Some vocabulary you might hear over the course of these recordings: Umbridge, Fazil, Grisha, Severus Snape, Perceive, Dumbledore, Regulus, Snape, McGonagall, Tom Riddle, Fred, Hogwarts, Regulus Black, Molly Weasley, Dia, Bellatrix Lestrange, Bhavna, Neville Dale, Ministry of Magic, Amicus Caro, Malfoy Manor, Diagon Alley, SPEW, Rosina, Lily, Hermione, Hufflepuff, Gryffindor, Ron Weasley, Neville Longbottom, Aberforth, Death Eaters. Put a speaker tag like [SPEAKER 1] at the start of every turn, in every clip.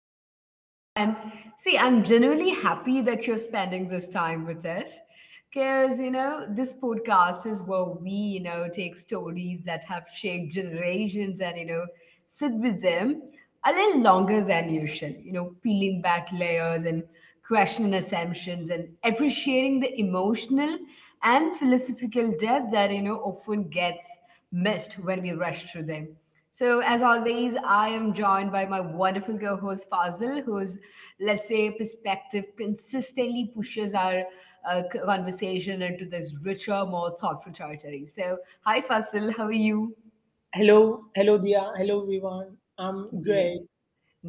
[SPEAKER 1] I am Dia, and see, I'm genuinely happy that you're spending this time with us because, this podcast is where we, take stories that have shaped generations and, sit with them a little longer than usual, peeling back layers and questioning assumptions and appreciating the emotional and philosophical depth that, often gets missed when we rush through them. So, as always, I am joined by my wonderful co host Fazil, whose, let's say, perspective consistently pushes our conversation into this richer, more thoughtful territory. So, hi Fazil, how are you?
[SPEAKER 2] Hello, hello, Dia. Hello, everyone. I'm
[SPEAKER 1] Yeah.
[SPEAKER 2] great.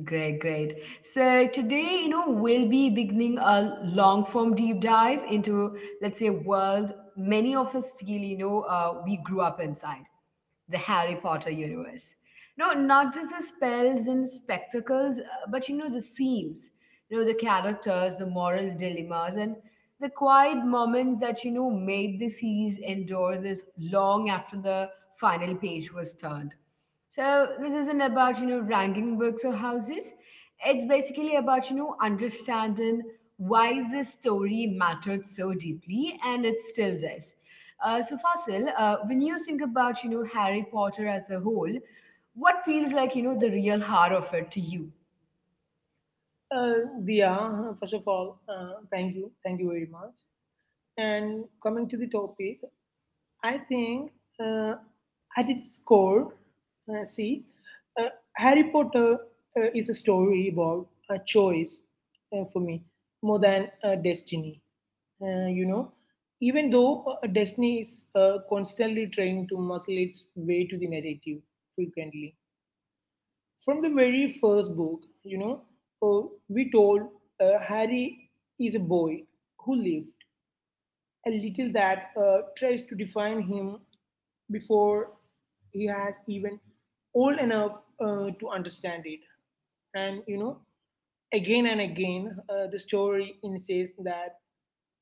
[SPEAKER 1] Great, great. So today, we'll be beginning a long form deep dive into, let's say, a world many of us feel, we grew up inside the Harry Potter universe. No, not just the spells and spectacles, but, the themes, the characters, the moral dilemmas, and the quiet moments that, made the series endure this long after the final page was turned. So this isn't about ranking books or houses. It's basically about understanding why this story mattered so deeply, and it still does. So Fasil, when you think about Harry Potter as a whole, what feels like the real heart of it to you?
[SPEAKER 2] Dia, first of all, thank you very much. And coming to the topic, I think uh, I did score. See, Harry Potter is a story about a choice for me more than a destiny. You know, even though destiny is constantly trying to muscle its way to the narrative frequently from the very first book, you know, we told Harry is a boy who lives, a little that tries to define him before he has even old enough to understand it. And you know, again and again, the story insists that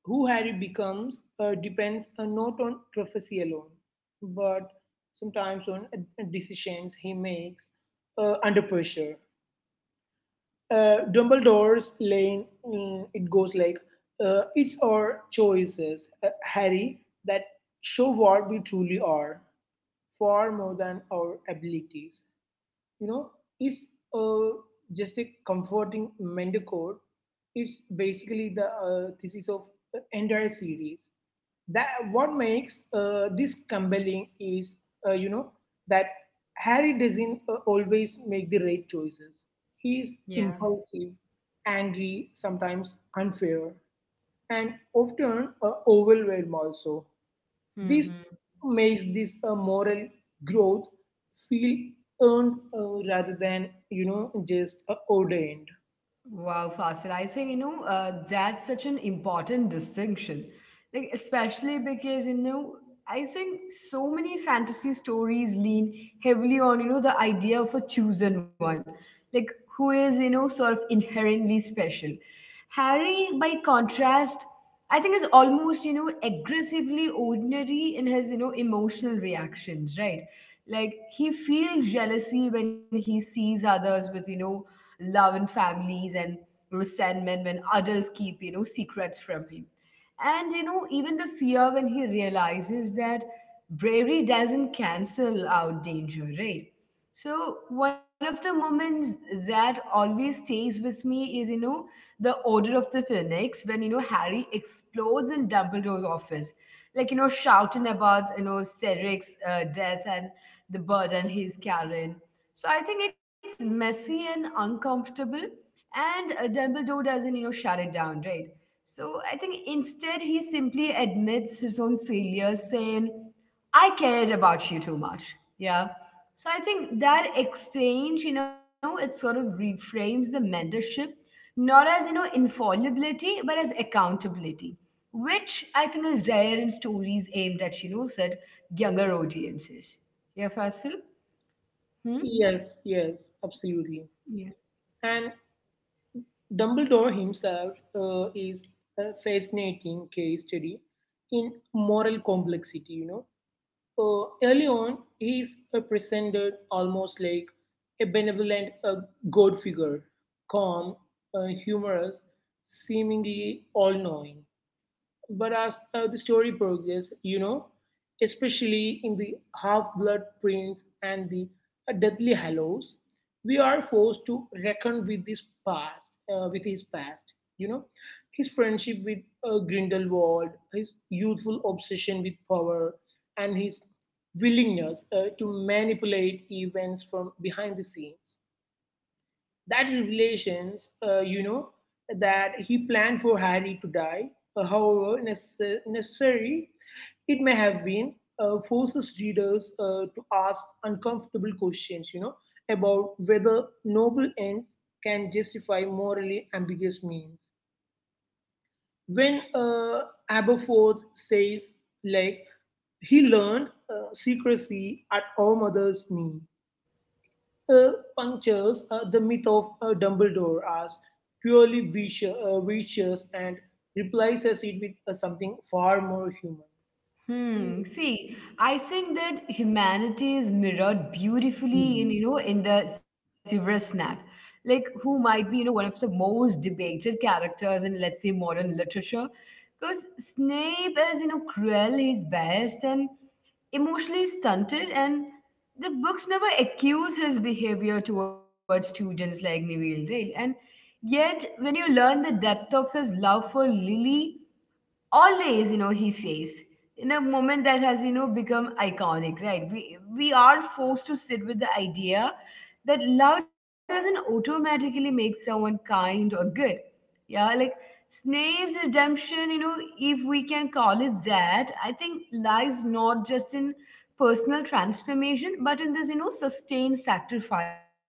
[SPEAKER 2] who Harry becomes depends not on prophecy alone, but sometimes on decisions he makes under pressure. Dumbledore's lane, mm, it goes like, it's our choices, Harry, that show what we truly are, far more than our abilities, you know, is uh, just a comforting mendicant. It's basically the thesis of the entire series. That what makes this compelling is, you know, that Harry doesn't always make the right choices. He's
[SPEAKER 1] Yeah.
[SPEAKER 2] impulsive, angry, sometimes unfair, and often overwhelmed also. This
[SPEAKER 1] Hmm.
[SPEAKER 2] makes this moral growth feel earned rather than you know just ordained.
[SPEAKER 1] Wow, Fasil, I think that's such an important distinction, like especially because I think so many fantasy stories lean heavily on the idea of a chosen one, like who is sort of inherently special. Harry, by contrast, I think is almost aggressively ordinary in his emotional reactions, right? Like he feels jealousy when he sees others with love in families and resentment when adults keep, secrets from him. And, even the fear when he realizes that bravery doesn't cancel out danger, right? So, one of the moments that always stays with me is, the Order of the Phoenix when, Harry explodes in Dumbledore's office, like, shouting about, Cedric's death and the burden he's carrying. So I think it's messy and uncomfortable, and Dumbledore doesn't, shut it down, right? So I think instead he simply admits his own failures, saying, "I cared about you too much." Yeah. So I think that exchange, it sort of reframes the mentorship not as infallibility, but as accountability, which I think is rare in stories aimed at said younger audiences. Yeah, Fasil. Hmm.
[SPEAKER 2] Yes, yes, absolutely. And Dumbledore himself is a fascinating case study in moral complexity. You know, early on he's presented almost like a benevolent god figure, calm, humorous, seemingly all-knowing. But as the story progresses, you know, especially in the Half Blood Prince and the Deathly Hallows, we are forced to reckon with his past, You know, his friendship with Grindelwald, his youthful obsession with power, and his willingness to manipulate events from behind the scenes. That revelations, you know, that he planned for Harry to die, however necessary it may have been, forces readers to ask uncomfortable questions, you know, about whether noble ends can justify morally ambiguous means. When Aberforth says, like, he learned secrecy at our mother's knee, uh, punctures the myth of Dumbledore as purely vicious, and replaces it with something far more human.
[SPEAKER 1] Hmm. See, I think that humanity is mirrored beautifully in,
[SPEAKER 2] Hmm.
[SPEAKER 1] you know, in the Severus Snape, like who might be, one of the most debated characters in, let's say, modern literature. Because Snape is, cruel, he's biased and emotionally stunted, and the books never accuse his behavior towards students like Neville Dale. And yet, when you learn the depth of his love for Lily, always he says in a moment that has become iconic, right? We are forced to sit with the idea that love doesn't automatically make someone kind or good. Yeah. Like Snape's redemption, if we can call it that, I think lies not just in personal transformation but in this sustained sacrifice too.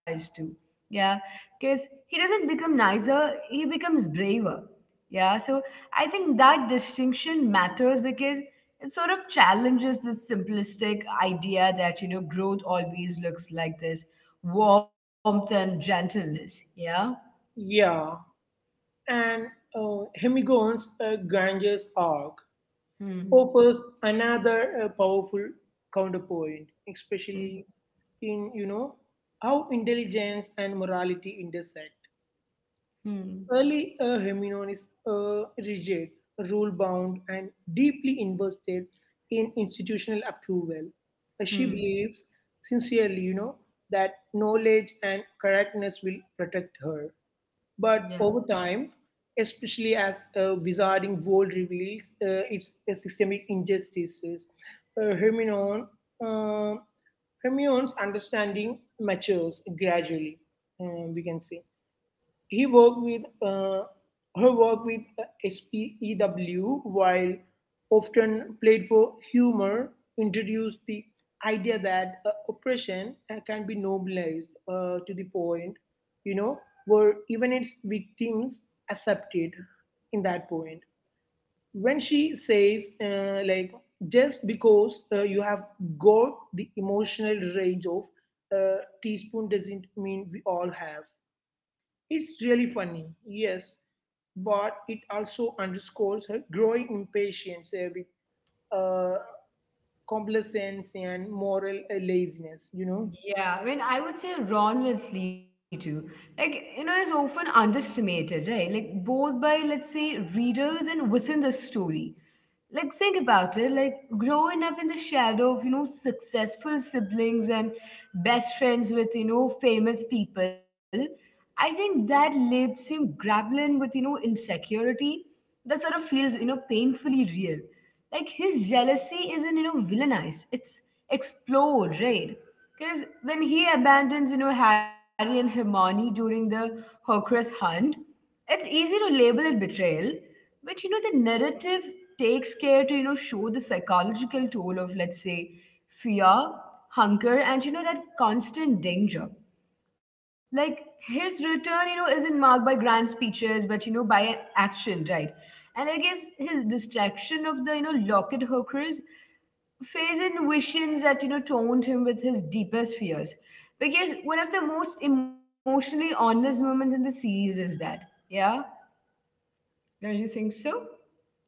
[SPEAKER 1] Yeah. Because he doesn't become nicer, he becomes braver. Yeah. So I think that distinction matters because it sort of challenges this simplistic idea that, growth always looks like this warmth and gentleness. Yeah.
[SPEAKER 2] Yeah, and Hemigon's Ganges arc
[SPEAKER 1] Hmm.
[SPEAKER 2] offers another powerful counterpoint,
[SPEAKER 1] Hmm.
[SPEAKER 2] especially in you know how intelligence and morality intersect.
[SPEAKER 1] Hmm.
[SPEAKER 2] Early Heminon is rigid, rule bound, and deeply invested in institutional approval. She
[SPEAKER 1] Hmm.
[SPEAKER 2] believes sincerely, you know, that knowledge and correctness will protect her.
[SPEAKER 1] Yeah.
[SPEAKER 2] But over time, especially as a wizarding world reveals its systemic injustices, uh, Hermione, uh, Hermione's understanding matures gradually, we can say. He worked with uh, he worked with SPEW while often played for humor, introduced the idea that oppression can be normalized to the point, you know, where even its victims accept it in that point. When she says, like, just because you have got the emotional range of a teaspoon doesn't mean we all have, it's really funny, yes, but it also underscores her growing impatience with uh, complacence and moral laziness, you know?
[SPEAKER 1] Yeah, I mean, I would say Ron Weasley too. Like, is often underestimated, right? Like, both by, let's say, readers and within the story. Like think about it like growing up in the shadow of successful siblings and best friends with famous people. I think that leaves him grappling with, insecurity that sort of feels, painfully real. Like his jealousy isn't, villainized. It's explored, right? Because when he abandons, Harry and Hermione during the Horcrux hunt, it's easy to label it betrayal, but the narrative takes care to, show the psychological toll of, let's say, fear, hunger, and, that constant danger. Like his return isn't marked by grand speeches but by action, right? And I guess his distraction of the locket hookers Faison visions that taunted him with his deepest fears, because one of the most emotionally honest moments in the series is that. Yeah. Don't you think so?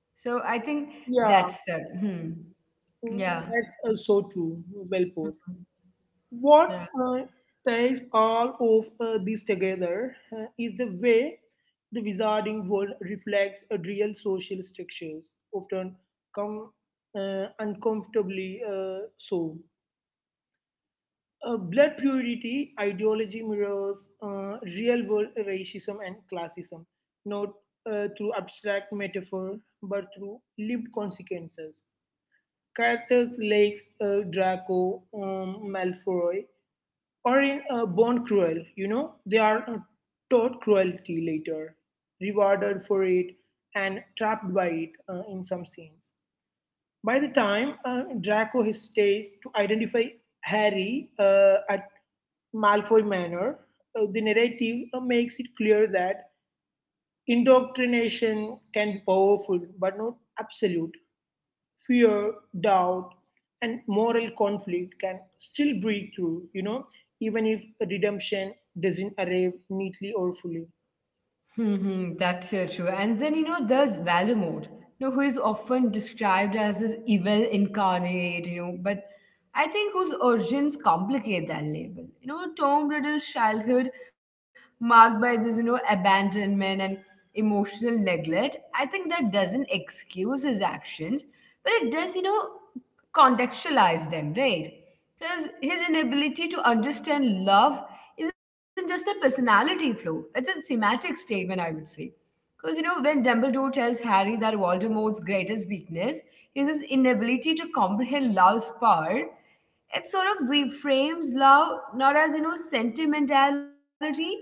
[SPEAKER 1] So I think
[SPEAKER 2] Yeah,
[SPEAKER 1] that's that. Hmm. Yeah.
[SPEAKER 2] mm, that's so true. Well put.
[SPEAKER 1] Mhm.
[SPEAKER 2] What uh, ties all of this together is the way the wizarding world reflects real social structures, often come uncomfortably so. Blood purity ideology mirrors real world racism and classism, not through abstract metaphor, but through lived consequences. Characters like Draco, Malfoy, or in Born Cruel, you know, they are taught cruelty later, rewarded for it, and trapped by it in some scenes. By the time Draco hesitates to identify Harry at Malfoy Manor, the narrative makes it clear that indoctrination can be powerful but not absolute. Fear, doubt, and moral conflict can still break through, you know, even if redemption doesn't arrive neatly or fully.
[SPEAKER 1] Hmm, that's so true. And then, there's Voldemort, who is often described as this evil incarnate, but I think whose origins complicate that label. Tom Riddle's childhood, marked by this, abandonment and emotional neglect, I think that doesn't excuse his actions, but it does, contextualize them, right? Because his inability to understand love isn't just a personality flaw, it's a thematic statement, I would say. Because, when Dumbledore tells Harry that Voldemort's greatest weakness is his inability to comprehend love's power, it sort of reframes love not as, sentimentality,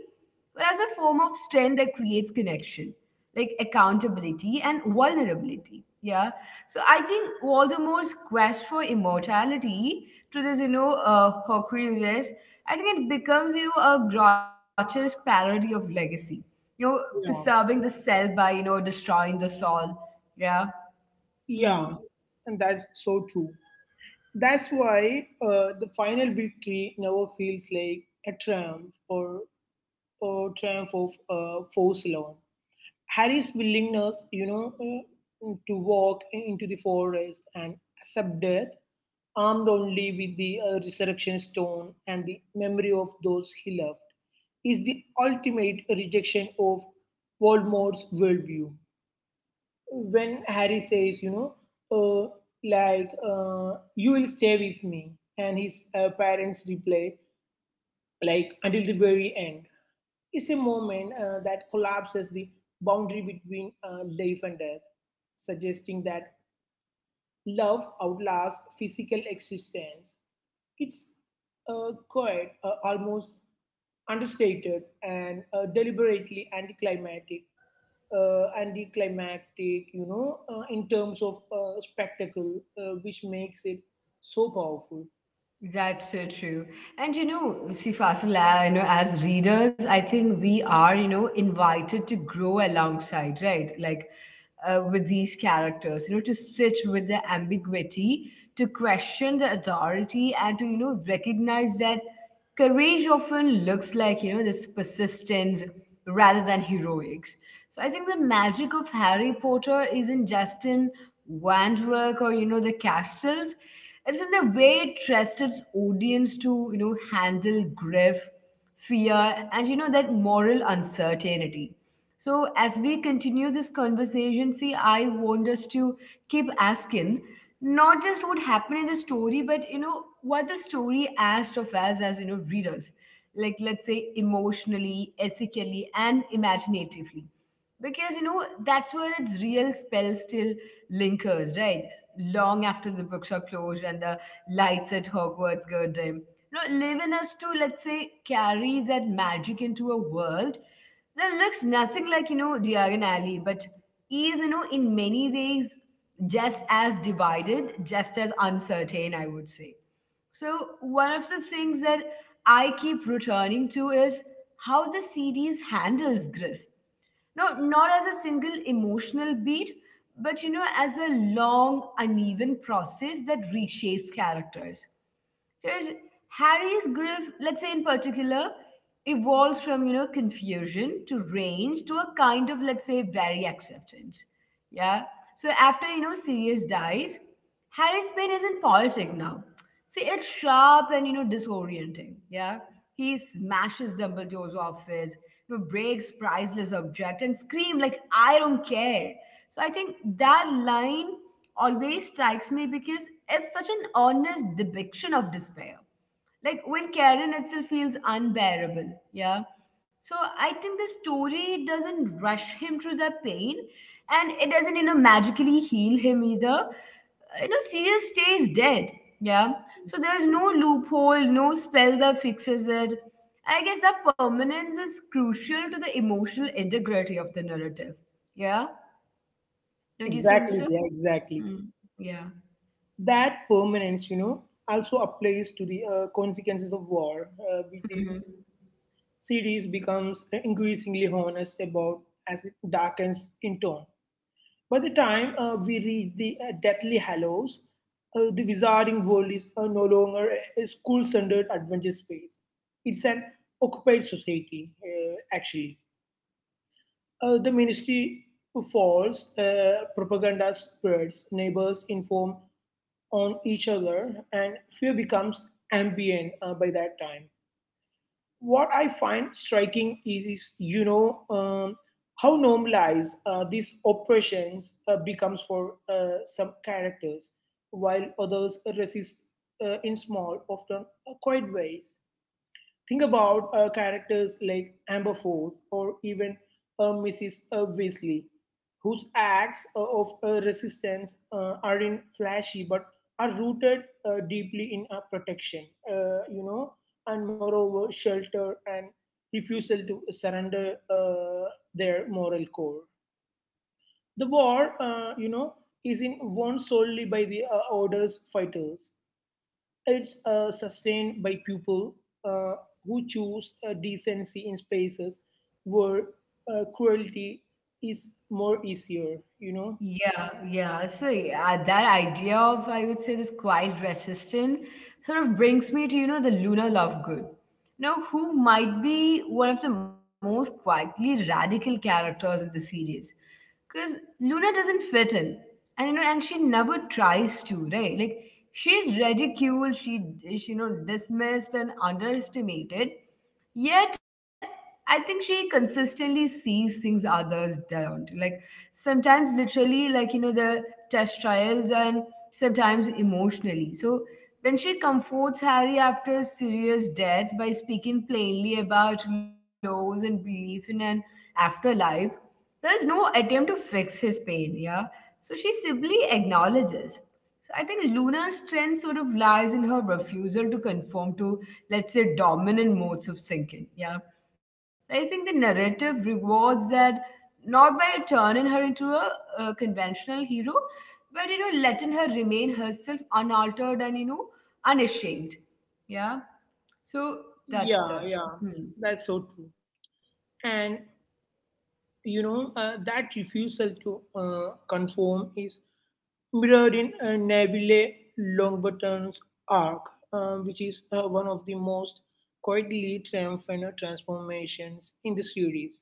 [SPEAKER 1] but as a form of strength that creates connection, like accountability and vulnerability. Yeah. So I think Voldemort's quest for immortality to this, hawker usage, I think it becomes, a grotesque parody of legacy. You know,
[SPEAKER 2] Yeah.
[SPEAKER 1] preserving the cell by, destroying the soul. Yeah.
[SPEAKER 2] Yeah,
[SPEAKER 1] Hmm.
[SPEAKER 2] and that's so true. That's why the final victory never feels like a triumph or triumph of force alone. Harry's willingness, you know, to walk into the forest and accept death, armed only with the resurrection stone and the memory of those he loved, is the ultimate rejection of Voldemort's worldview. When Harry says, you know, uh, like, you will stay with me, and his parents reply, like, until the very end. It's a moment that collapses the boundary between life and death, suggesting that love outlasts physical existence. It's quite almost understated and deliberately anticlimactic, you know, in terms of spectacle, which makes it so powerful.
[SPEAKER 1] That's so true. And see, Fasil, as readers, I think we are, invited to grow alongside, right? Like with these characters, to sit with the ambiguity, to question the authority, and to, recognize that courage often looks like, this persistence rather than heroics. So I think the magic of Harry Potter isn't just in wand work or, the castles. It's in the way it trusts its audience to, handle grief, fear, and that moral uncertainty. So as we continue this conversation, see, I want us to keep asking not just what happened in the story, but what the story asked of us as readers, like let's say emotionally, ethically, and imaginatively, because that's where its real spell still lingers, right? Long after the books are closed and the lights at Hogwarts go dim. Live in us to, let's say, carry that magic into a world that looks nothing like, Diagon Alley, but is, in many ways just as divided, just as uncertain, I would say. So, one of the things that I keep returning to is how the series handles Griff. No, not as a single emotional beat, but as a long, uneven process that reshapes characters. Because Harry's grief, let's say in particular, evolves from, confusion to range to a kind of, let's say, very acceptance. Yeah. So after, Sirius dies, Harry's pain isn't poetic now. See, it's sharp and, disorienting. Yeah. He smashes Dumbledore's office, breaks priceless object and scream like, I don't care. So I think that line always strikes me because it's such an honest depiction of despair. Like when Karen itself feels unbearable. Yeah. So I think the story doesn't rush him through the pain and it doesn't, magically heal him either. Sirius stays dead. Yeah. So there's no loophole, no spell that fixes it. I guess that permanence is crucial to the emotional integrity of the narrative. Yeah. Don't you think
[SPEAKER 2] Exactly,
[SPEAKER 1] so?
[SPEAKER 2] yeah, exactly.
[SPEAKER 1] Mm. Yeah.
[SPEAKER 2] That permanence, you know, also applies to the consequences of war, which the
[SPEAKER 1] Mhm.
[SPEAKER 2] series becomes increasingly honest about as it darkens in tone. By the time we reach the Deathly Hallows, the Wizarding World is no longer a school centered adventure space. It's an occupied society, actually. The ministry falls, propaganda spreads, neighbors inform on each other, and fear becomes ambient by that time. What I find striking is, you know, how normalized these oppressions becomes for some characters, while others resist in small, often quiet ways. Think about characters like Amberforth or even Mrs. Weasley, whose acts of resistance aren't flashy but are rooted deeply in protection, you know, and moreover, shelter and refusal to surrender their moral core. The war, you know, isn't won solely by the Order's fighters. It's sustained by people uh, who choose decency in spaces where cruelty is more easier, you know?
[SPEAKER 1] Yeah, yeah. So yeah, that idea of I would say this quiet resistant sort of brings me to the Luna Lovegood, who might be one of the most quietly radical characters in the series, because Luna doesn't fit in, and and she never tries to, right? Like she's ridiculed, she dismissed and underestimated. Yet, I think she consistently sees things others don't. Like sometimes literally, like the test trials and sometimes emotionally so when she comforts Harry after a serious death by speaking plainly about laws and belief in an afterlife, there's no attempt to fix his pain. Yeah. So she simply acknowledges. So I think Luna's strength sort of lies in her refusal to conform to, let's say, dominant modes of thinking. Yeah. I think the narrative rewards that not by turning her into a conventional hero, but letting her remain herself unaltered and unashamed. Yeah. So that's
[SPEAKER 2] Yeah,
[SPEAKER 1] the.
[SPEAKER 2] yeah,
[SPEAKER 1] Hmm.
[SPEAKER 2] that's so true. And, you know, that refusal to conform is mirrored in Neville Longbottom's arc, which is one of the most quietly triumphant transformations in the series.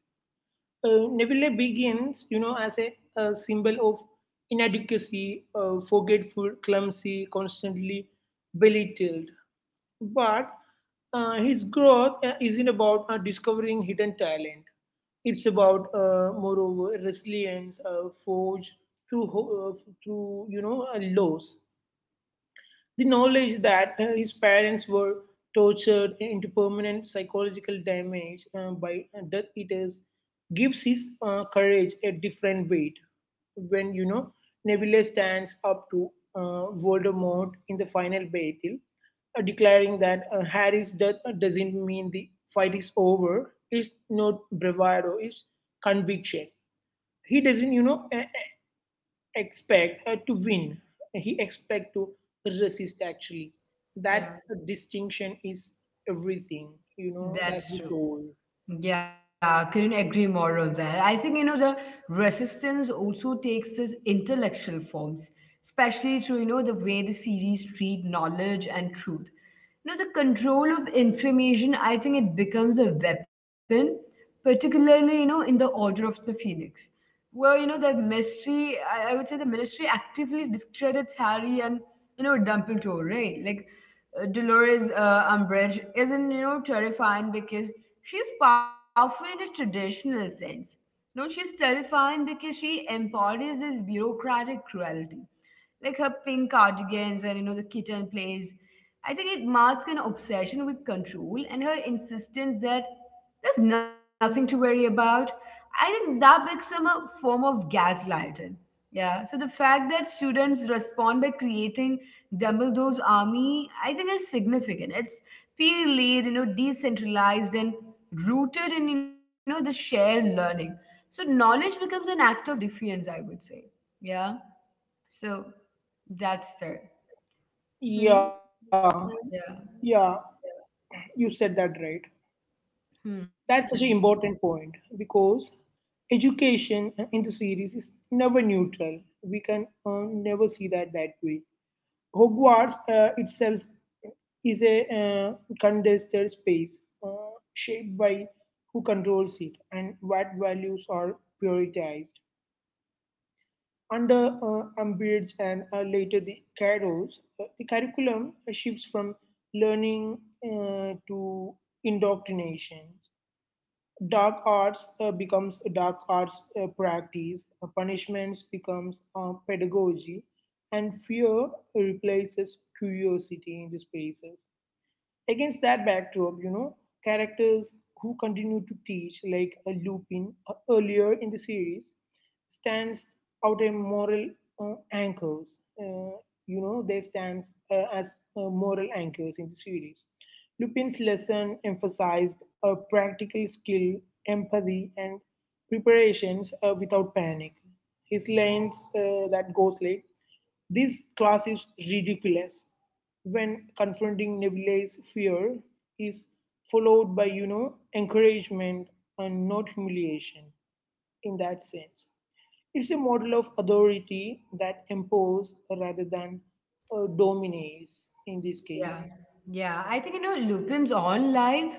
[SPEAKER 2] Neville begins, you know, as a symbol of inadequacy, forgetful, clumsy, constantly belittled. But his growth isn't about discovering hidden talent. It's about, moreover, resilience forged through, through you know, loss. The knowledge that his parents were tortured into permanent psychological damage by Death Eaters gives his courage a different weight. When you know Neville stands up to Voldemort in the final battle, declaring that Harry's death doesn't mean the fight is over. It's not bravado. It's conviction. He doesn't, you know, expect to win, he expect to resist, actually. That
[SPEAKER 1] Yeah,
[SPEAKER 2] distinction is everything, you know, that's the
[SPEAKER 1] that's
[SPEAKER 2] soul.
[SPEAKER 1] true. Yeah, couldn't agree more on that. I think, you know, the resistance also takes this intellectual forms, especially through, you know, the way the series treat knowledge and truth. You know, the control of information, I think it becomes a weapon, particularly, you know, in the Order of the Phoenix, where, you know, the ministry. I would say the ministry actively discredits Harry and, you know, Dumbledore, right? Like, Dolores Umbridge isn't, you know, terrifying because she's powerful in a traditional sense. No, she's terrifying because she embodies this bureaucratic cruelty. Like her pink cardigans and, you know, the kitten plays. I think it masks an obsession with control and her insistence that there's nothing to worry about. I think that becomes a form of gaslighting. Yeah. So the fact that students respond by creating Dumbledore's army, I think, is significant. It's peer-led, you know, decentralized and rooted in, you know, the shared learning. So knowledge becomes an act of defiance, I would say. Yeah. So that's there.
[SPEAKER 2] Yeah,
[SPEAKER 1] Hmm. Yeah.
[SPEAKER 2] yeah, you said that right. That's such
[SPEAKER 1] Hmm.
[SPEAKER 2] an important point because education in the series is never neutral. We can never see that that way. Hogwarts itself is a contested space shaped by who controls it and what values are prioritized. Under Umbridge and later the Kairos, the curriculum shifts from learning to indoctrination. Dark arts becomes dark arts practice, punishments becomes pedagogy, and fear replaces curiosity in the spaces. Against that backdrop, you know, characters who continue to teach, like a Lupin earlier in the series, stands out as moral anchors. You know, they stands as moral anchors in the series. Lupin's lesson emphasized a practical skill, empathy, and preparations without panic. His lines that goes like, this class is ridiculous, when confronting Neville's fear, is followed by, you know, encouragement and not humiliation in that sense. It's a model of authority that imposes rather than dominates in this
[SPEAKER 1] Yeah,
[SPEAKER 2] case.
[SPEAKER 1] yeah. I think you know Lupin's own life,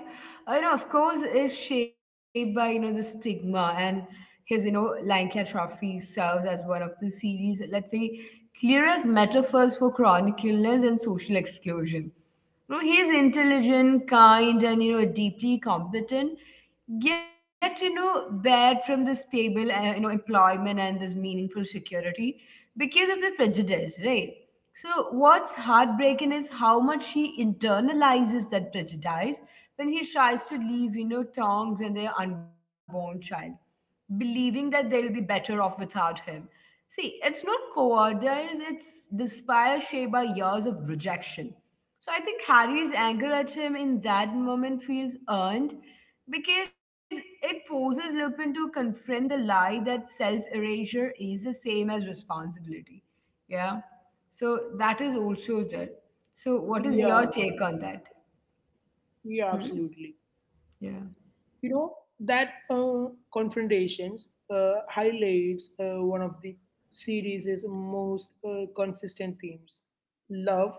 [SPEAKER 1] you know, of course, is shaped by you know the stigma and his you know Lanka Trophy serves as one of the series, let's say, clearest metaphors for chronic illness and social exclusion. You know, he's intelligent, kind, and you know deeply competent, get you know bad from this stable you know employment and this meaningful security because of the prejudice, right? So what's heartbreaking is how much he internalizes that prejudice when he tries to leave you know tongs and their unborn child, believing that they'll be better off without him. See, it's not cowardice, it's despair shaped by years of rejection. So I think Harry's anger at him in that moment feels earned because it forces Lupin to confront the lie that self erasure is the same as responsibility. Yeah. So that is also there. So, what is
[SPEAKER 2] Yeah,
[SPEAKER 1] your take on that?
[SPEAKER 2] yeah,
[SPEAKER 1] Hmm?
[SPEAKER 2] absolutely.
[SPEAKER 1] Yeah.
[SPEAKER 2] You know, that confrontations highlights one of the series' most consistent themes, love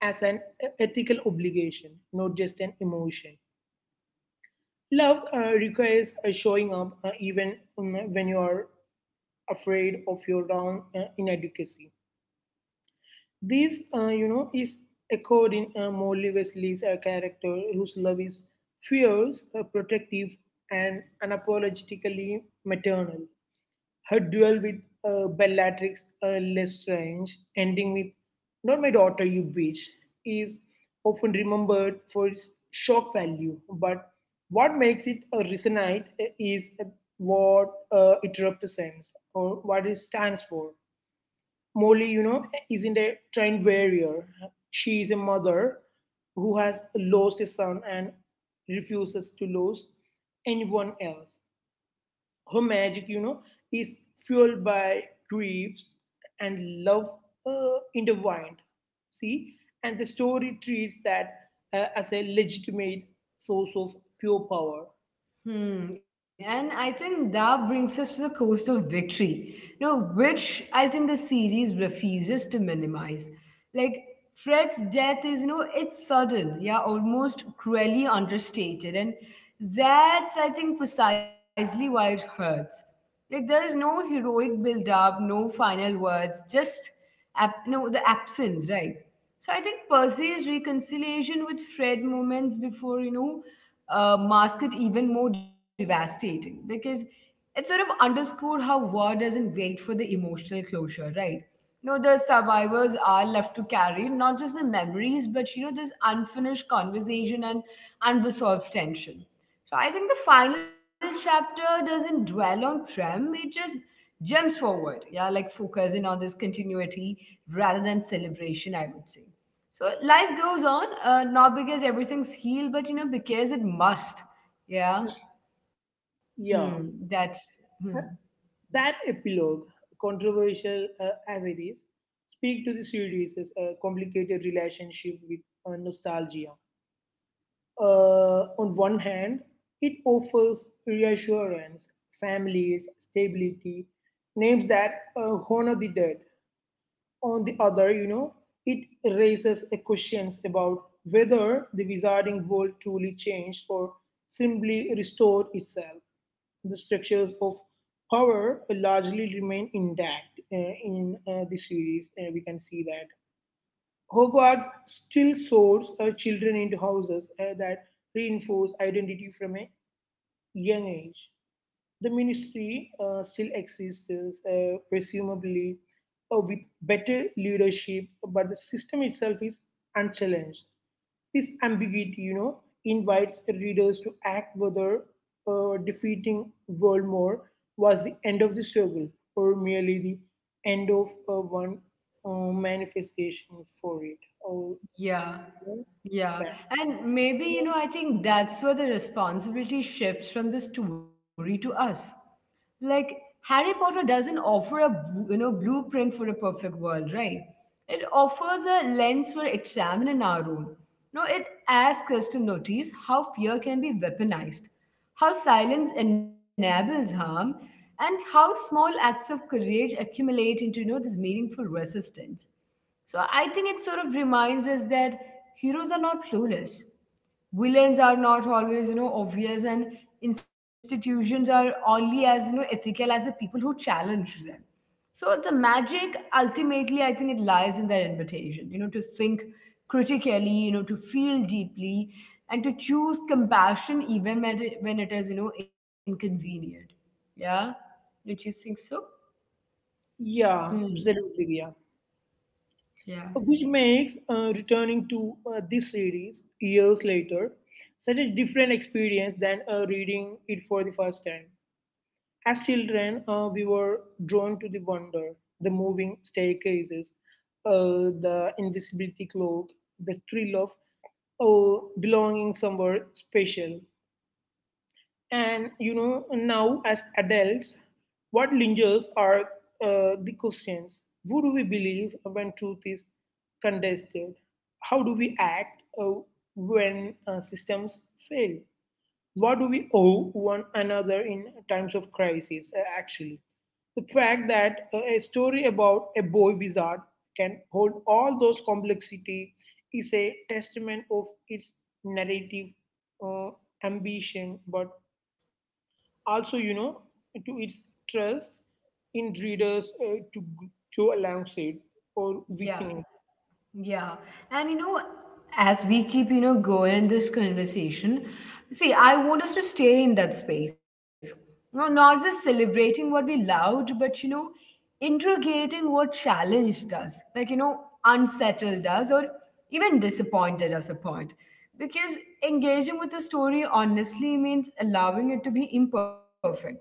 [SPEAKER 2] as an ethical obligation, not just an emotion. Love requires showing up even when you are afraid of your own inadequacy. This, you know, is echoed in Molly Wesley's character, whose love is fierce, protective, and unapologetically maternal. Her duel with Bellatrix Lestrange, ending with "Not my daughter, you bitch," is often remembered for its shock value. But what makes it resonate is what it represents, or what it stands for. Molly, you know, isn't a trained warrior. She is a mother who has lost a son and refuses to lose anyone else. Her magic, you know, is fueled by griefs and love intertwined. See, and the story treats that as a legitimate source of pure power.
[SPEAKER 1] Hmm. And I think that brings us to the cost of victory, you know, which I think the series refuses to minimize. Like Fred's death is, you know, it's sudden, yeah, almost cruelly understated. And that's, I think, precisely why it hurts. Like there's no heroic build up, no final words, just no, the absence, right? So I think Percy's reconciliation with Fred moments before, you know, mask it even more devastating because it sort of underscored how war doesn't wait for the emotional closure, right? You know, the survivors are left to carry not just the memories, but, you know, this unfinished conversation and unresolved tension. So I think the final chapter doesn't dwell on Trem, it just jumps forward, yeah, like focusing on this continuity rather than celebration, I would say. So life goes on, not because everything's healed, but you know, because it must. Yeah. Hmm.
[SPEAKER 2] Yeah.
[SPEAKER 1] That's hmm.
[SPEAKER 2] That epilogue, controversial as it is, speaks to the series' complicated relationship with nostalgia. On one hand, it offers reassurance, families, stability, names that honor the dead. On the other, it raises a questions about whether the wizarding world truly changed or simply restored itself. The structures of power largely remain intact in the series. We can see that Hogwarts still sorts children into houses that reinforce identity from a young age. The ministry still exists, presumably with better leadership, but the system itself is unchallenged. This ambiguity, invites readers to act whether defeating Voldemort was the end of the struggle or merely the end of one manifestation for it. Oh,
[SPEAKER 1] Yeah, yeah.
[SPEAKER 2] that.
[SPEAKER 1] And maybe, you know, I think that's where the responsibility shifts from the story to us. Like, Harry Potter doesn't offer a, you know, blueprint for a perfect world, right? It offers a lens for examining our own. No, it asks us to notice how fear can be weaponized, how silence enables harm, and how small acts of courage accumulate into, you know, this meaningful resistance. So I think it sort of reminds us that heroes are not clueless. Villains are not always, you know, obvious and institutions are only as, you know, ethical as the people who challenge them. So the magic ultimately I think it lies in that invitation, you know, to think critically, you know, to feel deeply and to choose compassion even when it is, you know, inconvenient. Yeah? Don't you think so?
[SPEAKER 2] Yeah,
[SPEAKER 1] Hmm.
[SPEAKER 2] absolutely. Yeah.
[SPEAKER 1] Yeah.
[SPEAKER 2] Which makes returning to this series years later such a different experience than reading it for the first time. As children, we were drawn to the wonder, the moving staircases, the invisibility cloak, the thrill of oh, belonging somewhere special. And now as adults, what lingers are the questions. Who do we believe when truth is contested? How do we act when systems fail? What do we owe one another in times of crisis, actually? The fact that a story about a boy wizard can hold all those complexity is a testament of its narrative uh, ambition but also to its trust in readers to go alongside or
[SPEAKER 1] Yeah.
[SPEAKER 2] within it.
[SPEAKER 1] Yeah. And you know, as we keep, you know, going in this conversation, see, I want us to stay in that space. No, not just celebrating what we loved, but you know, interrogating what challenged us, like you know, unsettled us or even disappointed us a point. Because engaging with the story honestly means allowing it to be imperfect,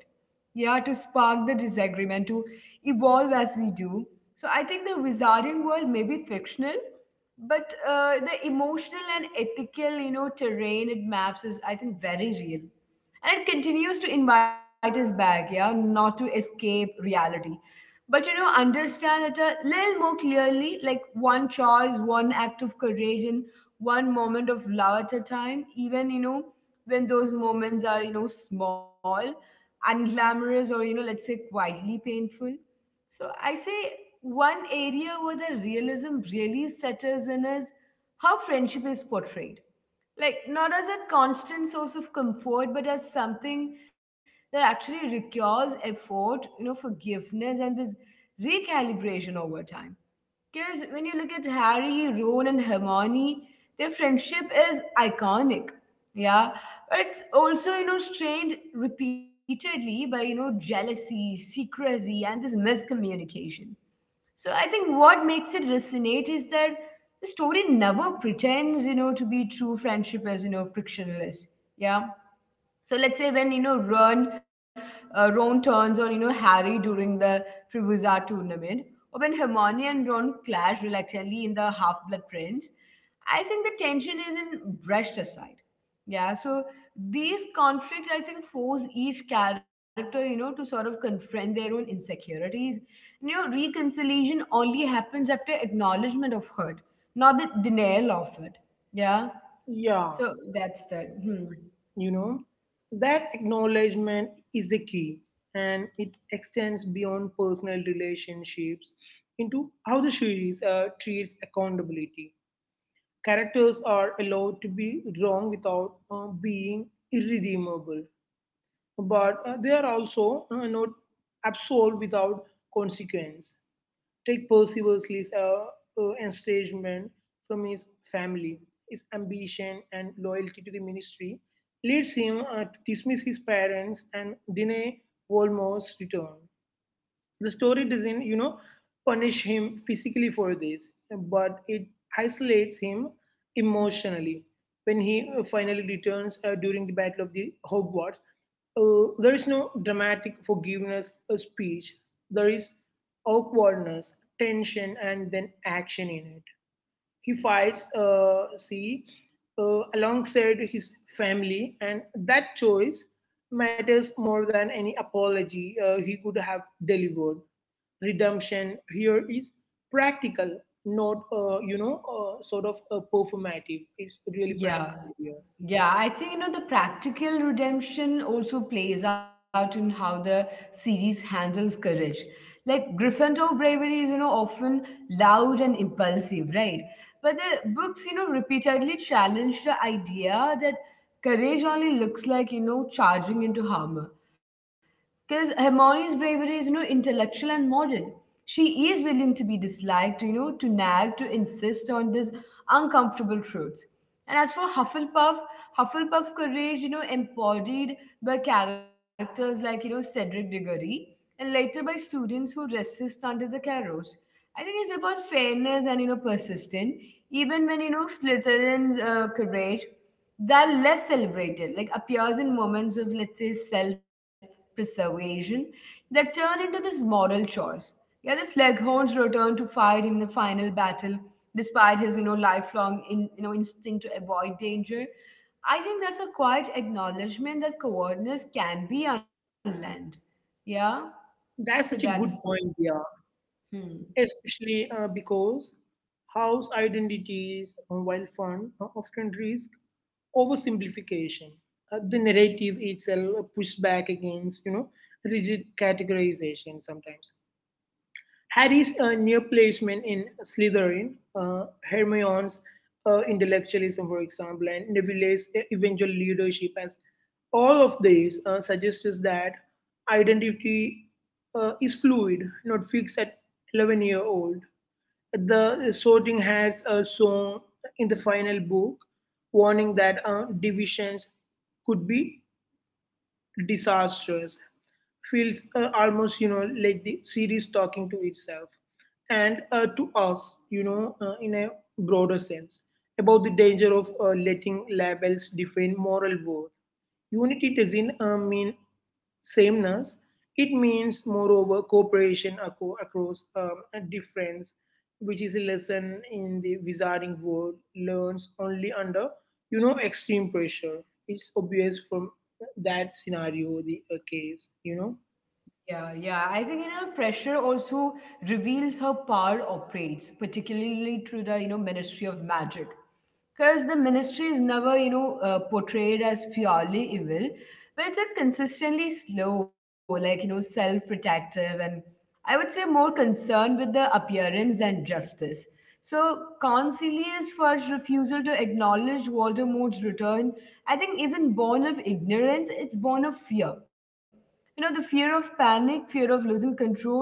[SPEAKER 1] yeah, to spark the disagreement, to evolve as we do. So I think the wizarding world may be fictional, but the emotional and ethical, you know, terrain it maps is, I think, very real. And it continues to invite us back, yeah, not to escape reality. But you know, understand it a little more clearly, like one choice, one act of courage, and one moment of love at a time, even you know, when those moments are, you know, small, unglamorous or you know let's say quietly painful. So I say one area where the realism really settles in is how friendship is portrayed, like not as a constant source of comfort but as something that actually requires effort, you know, forgiveness and this recalibration over time. Because when you look at Harry, Ron, and Hermione, their friendship is iconic. Yeah. But it's also, you know, strained repeatedly by, you know, jealousy, secrecy, and this miscommunication. So I think what makes it resonate is that the story never pretends, you know, to be true friendship as, you know, frictionless. Yeah. So let's say when you know Ron, Ron turns on you know Harry during the Triwizard tournament, or when Hermione and Ron clash reluctantly in the Half Blood Prince, I think the tension isn't brushed aside. Yeah, so these conflicts I think force each character you know to sort of confront their own insecurities. You know, reconciliation only happens after acknowledgement of hurt, not the denial of it. Yeah,
[SPEAKER 2] Yeah,
[SPEAKER 1] so that's that. Hmm.
[SPEAKER 2] you know that acknowledgement is the key, and it extends beyond personal relationships into how the series treats accountability. Characters are allowed to be wrong without being irredeemable, but they are also not absolved without consequence. Take Percy Worsley's estrangement from his family. His ambition and loyalty to the ministry leads him to dismiss his parents and deny Voldemort's return. The story doesn't, punish him physically for this, but it isolates him emotionally. When he finally returns during the Battle of the Hogwarts, there is no dramatic forgiveness speech. There is awkwardness, tension, and then action in it. He fights see alongside his family, and that choice matters more than any apology he could have delivered. Redemption here is practical, not sort of performative. It's really
[SPEAKER 1] Yeah.
[SPEAKER 2] practical here.
[SPEAKER 1] Yeah, I think you know the practical redemption also plays out in how the series handles courage. Like Gryffindor bravery is you know often loud and impulsive, right? But the books, you know, repeatedly challenge the idea that courage only looks like, you know, charging into armor. Because Hermione's bravery is, you know, intellectual and moral. She is willing to be disliked, you know, to nag, to insist on these uncomfortable truths. And as for Hufflepuff, Hufflepuff courage, you know, embodied by characters like, you know, Cedric Diggory and later by students who resist under the Carrows. I think it's about fairness and, you know, persistence. Even when, you know, Slytherin's courage, they're less celebrated, like appears in moments of, let's say, self-preservation that turn into this moral choice. Yeah, the Slughorn's return to fight in the final battle, despite his, you know, lifelong, you know, instinct to avoid danger, I think that's a quiet acknowledgement that cowardness can be unlearned. Yeah,
[SPEAKER 2] That's
[SPEAKER 1] so
[SPEAKER 2] such a good
[SPEAKER 1] that's the,
[SPEAKER 2] point. Yeah.
[SPEAKER 1] hmm.
[SPEAKER 2] Especially because house identities, while fun, often risk oversimplification. The narrative itself pushes back against, rigid categorization sometimes. Harry's near placement in Slytherin, uh, Hermione's intellectualism, for example, and Neville's eventual leadership, as all of these suggests that identity is fluid, not fixed at 11-year-old. The sorting has a song in the final book warning that divisions could be disastrous. Feels almost, like the series talking to itself and to us, in a broader sense, about the danger of letting labels define moral worth. Unity doesn't mean sameness. It means, moreover, cooperation across a difference, which is a lesson in the wizarding world learns only under, extreme pressure. It's obvious from that scenario, the case.
[SPEAKER 1] Yeah, yeah. I think you know pressure also reveals how power operates, particularly through the you know Ministry of Magic, because the ministry is never you know portrayed as purely evil, but it's a consistently slow like you know self-protective and I would say more concerned with the appearance than justice. So concilius first refusal to acknowledge Voldemort's return I think isn't born of ignorance, it's born of fear. You know, the fear of panic, fear of losing control and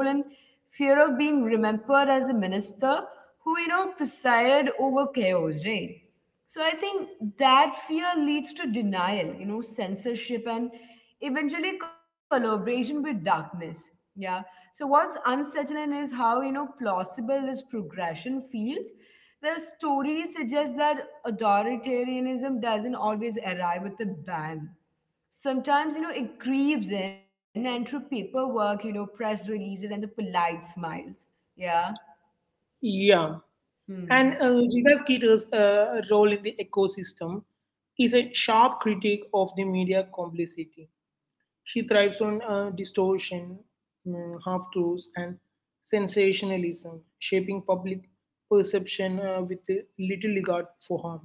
[SPEAKER 1] fear of being remembered as a minister who you know presided over chaos, right? So I think that fear leads to denial, you know, censorship and eventually collaboration with darkness. Yeah. So what's unsettling is how, you know, plausible this progression feels. The stories suggest that authoritarianism doesn't always arrive with a bang. Sometimes, you know, it creeps in and through paperwork, you know, press releases and the polite smiles. Yeah.
[SPEAKER 2] Yeah, and
[SPEAKER 1] Hmm.
[SPEAKER 2] Rita Skeeter's role in the ecosystem is a sharp critique of the media complicity. She thrives on distortion, half truths, and sensationalism, shaping public perception with little regard for harm.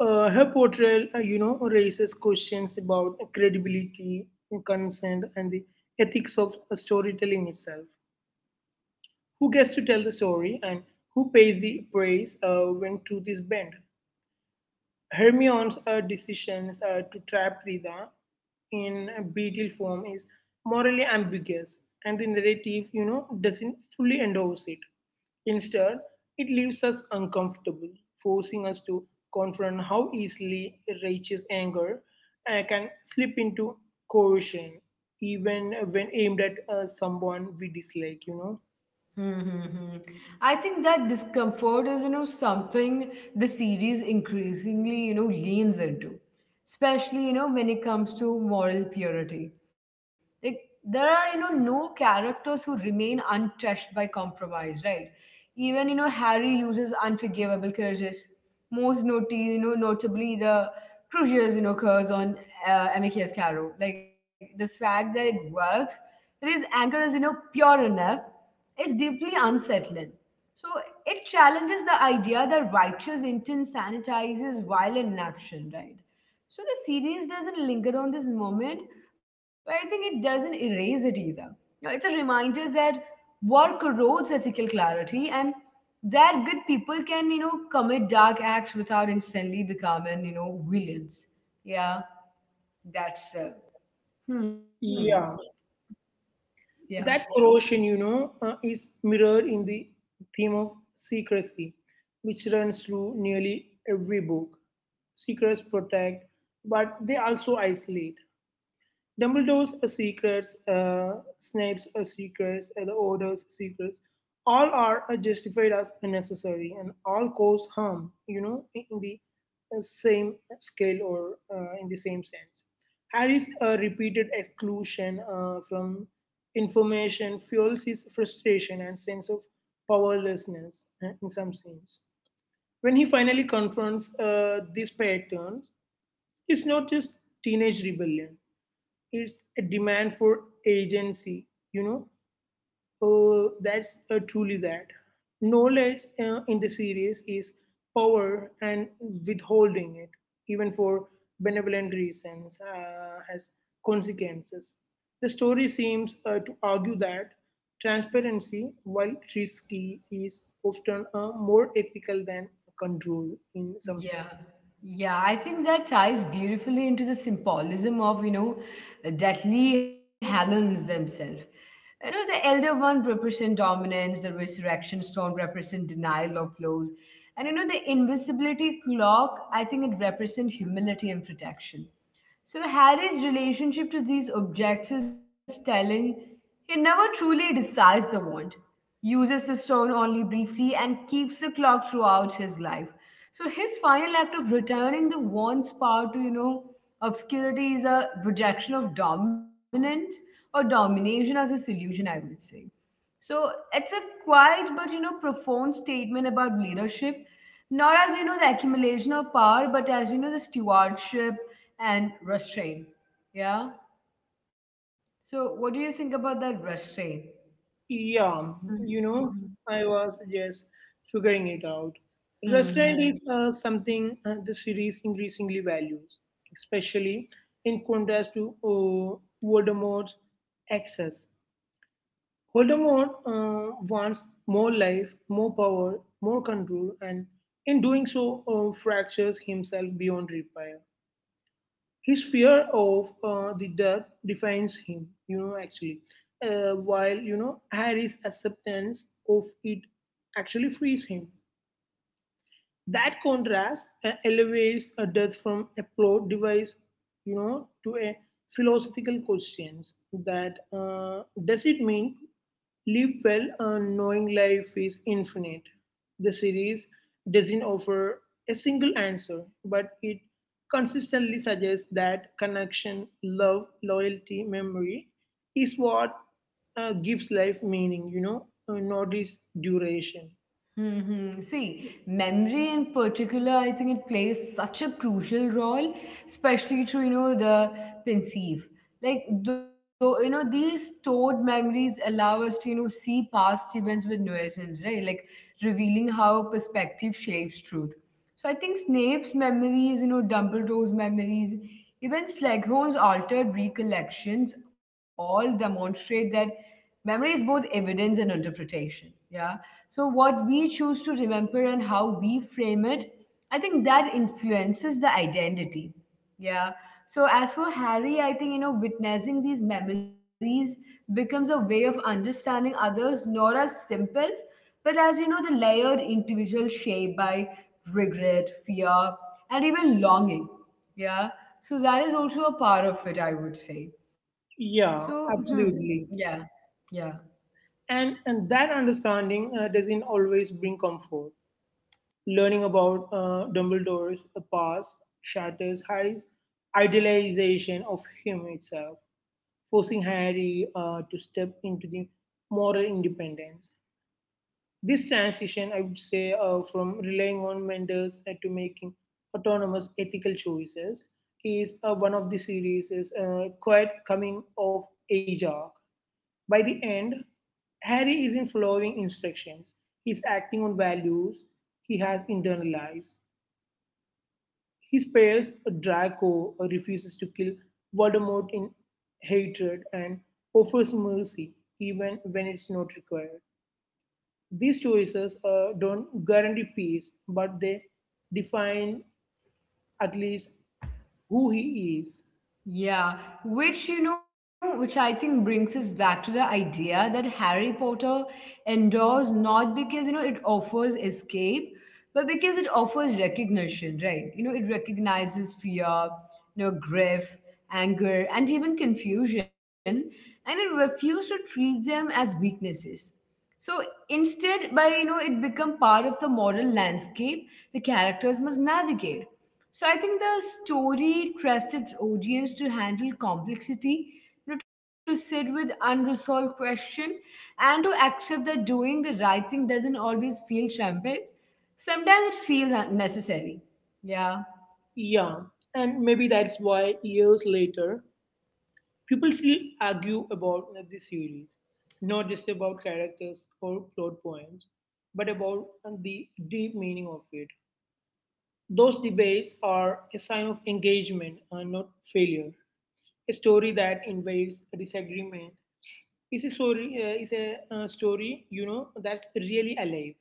[SPEAKER 2] Her portrayal, raises questions about credibility, consent, and the ethics of storytelling itself. Who gets to tell the story, and who pays the price when truth is bent? Hermione's decisions to trap Rita in a beetle form is morally ambiguous, and the narrative, doesn't fully endorse it. Instead, it leaves us uncomfortable, forcing us to confront how easily righteous anger can slip into coercion, even when aimed at someone we dislike.
[SPEAKER 1] Mm-hmm. I think that discomfort is, you know, something the series increasingly, you know, leans into, especially, you know, when it comes to moral purity. Like there are, you know, no characters who remain untouched by compromise, right? Even, you know, Harry uses unforgivable curses. You know, notably the crucial, you know, curse on Amicus Caro. Like the fact that it works his anger is you know pure enough is deeply unsettling. So it challenges the idea that righteous intent sanitizes violent action, right? So the series doesn't linger on this moment, but I think it doesn't erase it either. You know, it's a reminder that war corrodes ethical clarity and that good people can you know commit dark acts without instantly becoming you know villains. Yeah, that's hmm
[SPEAKER 2] Hmm. Yeah,
[SPEAKER 1] yeah
[SPEAKER 2] that corrosion, is mirrored in the theme of secrecy, which runs through nearly every book. Secrets protect, but they also isolate. Dumbledore's secrets, Snape's secrets, the Order's secrets, all are justified as necessary and all cause harm, in the same scale or in the same sense. Harry's repeated exclusion from information fuels his frustration and sense of powerlessness in some scenes. When he finally confronts these patterns, it's not just teenage rebellion. It's a demand for agency. you know oh, that's truly that knowledge in the series is power, and withholding it even for benevolent reasons has consequences. The story seems to argue that transparency, while risky, is often more ethical than control in some sense.
[SPEAKER 1] Yeah. Yeah, I think that ties beautifully into the symbolism of, you know, deathly Hallows themselves. You know, the elder one represent dominance, the resurrection stone represent denial of flows. And you know, the invisibility clock, I think it represent humility and protection. So Harry's relationship to these objects is telling. He never truly decides the wand, uses the stone only briefly, and keeps the clock throughout his life. So his final act of returning the wand's power to, you know, obscurity is a projection of dominance or domination as a solution, I would say. So it's a quiet but profound statement about leadership, not as the accumulation of power, but as the stewardship and restraint. Yeah. So what do you think about that restraint?
[SPEAKER 2] Yeah, you know, I was just figuring it out. Restaurant is
[SPEAKER 1] Mm-hmm.
[SPEAKER 2] something the series increasingly values, especially in contrast to Voldemort's excess. Voldemort wants more life, more power, more control, and in doing so, fractures himself beyond repair. His fear of the death defines him, actually, while, Harry's acceptance of it actually frees him. That contrast elevates a death from a plot device, to a philosophical questions that does it mean live well knowing life is infinite? The series doesn't offer a single answer, but it consistently suggests that connection, love, loyalty, memory is what gives life meaning, not its duration.
[SPEAKER 1] See, memory in particular, I think it plays such a crucial role, especially through, the perceive. Like, though, these stored memories allow us to, see past events with nuisance, right? Like, revealing how perspective shapes truth. So I think Snape's memories, Dumbledore's memories, even Slughorn's altered recollections all demonstrate that memory is both evidence and interpretation. Yeah. So, what we choose to remember and how we frame it, I think that influences the identity. Yeah. So, as for Harry, I think, witnessing these memories becomes a way of understanding others, not as simples, but as, the layered individual shaped by regret, fear, and even longing. Yeah. So, that is also a part of it, I would say. So,
[SPEAKER 2] Yeah,
[SPEAKER 1] yeah,
[SPEAKER 2] absolutely.
[SPEAKER 1] yeah.
[SPEAKER 2] And that understanding doesn't always bring comfort. Learning about Dumbledore's past shatters Harry's idealization of him itself, forcing Harry to step into the moral independence. This transition, I would say, from relying on mentors to making autonomous ethical choices, is one of the series' quite coming of age arc. By the end, Harry isn't following instructions, he's acting on values he has internalized. He spares Draco, refuses to kill Voldemort in hatred, and offers mercy even when it's not required. These choices don't guarantee peace, but they define at least who he is.
[SPEAKER 1] Yeah, which I think brings us back to the idea that Harry Potter endures not because it offers escape, but because it offers recognition, right? It recognizes fear, grief, anger, and even confusion, and it refuses to treat them as weaknesses. So instead, it become part of the moral landscape the characters must navigate. So I think the story trusts its audience to handle complexity, to sit with unresolved question, and to accept that doing the right thing doesn't always feel triumphant. Sometimes it feels unnecessary. Yeah.
[SPEAKER 2] Yeah, and maybe that's why years later people still argue about the series, not just about characters or plot points, but about the deep meaning of it. Those debates are a sign of engagement and not failure. A story that invites a disagreement is a story, is a story that's really alive.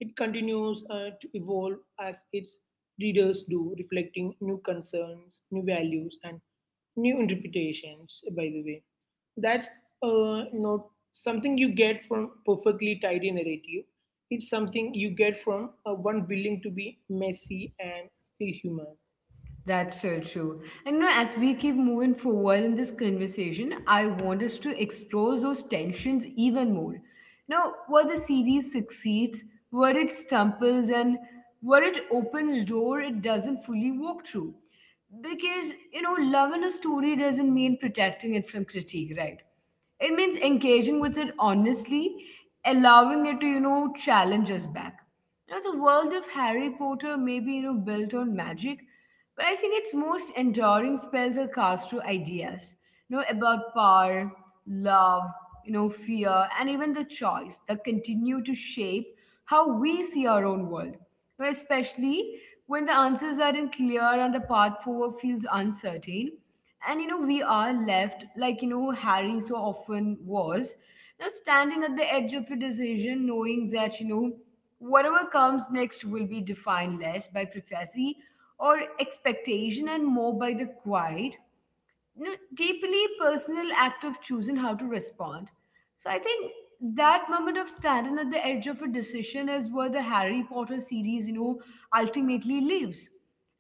[SPEAKER 2] It continues to evolve as its readers do, reflecting new concerns, new values, and new interpretations, by the way. That's not something you get from perfectly tidy narrative. It's something you get from one willing to be messy and still human.
[SPEAKER 1] That's so true. And as we keep moving forward in this conversation, I want us to explore those tensions even more. Now, where the series succeeds, where it stumbles, and where it opens door it doesn't fully walk through. Because loving a story doesn't mean protecting it from critique, right? It means engaging with it honestly, allowing it to, challenge us back. The world of Harry Potter may be, built on magic, but I think its most enduring spells are cast through ideas, about power, love, fear, and even the choice that continue to shape how we see our own world. Especially when the answers aren't clear and the path forward feels uncertain. And we are left, Harry so often was, now standing at the edge of a decision, knowing that whatever comes next will be defined less by prophecy or expectation and more by the quiet deeply personal act of choosing how to respond. So I think that moment of standing at the edge of a decision is where the Harry Potter series, ultimately lives.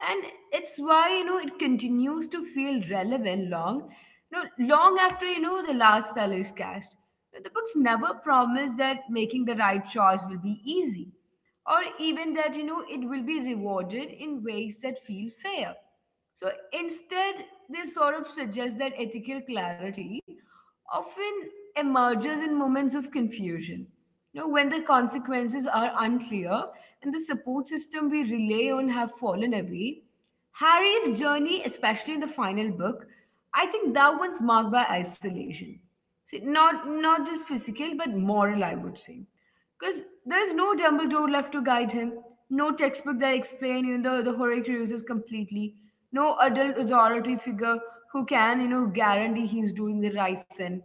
[SPEAKER 1] And it's why, it continues to feel relevant long, you long after, the last spell is cast. The books never promise that making the right choice will be easy or even that it will be rewarded in ways that feel fair, so instead they sort of suggest that ethical clarity often emerges in moments of confusion, when the consequences are unclear and the support system we rely on have fallen away. Harry's journey, especially in the final book, I think that one's marked by isolation. See, not just physical but moral, I would say, because there is no Dumbledore left to guide him, no textbook that explains the Horcruxes completely, no adult authority figure who can guarantee he's doing the right thing.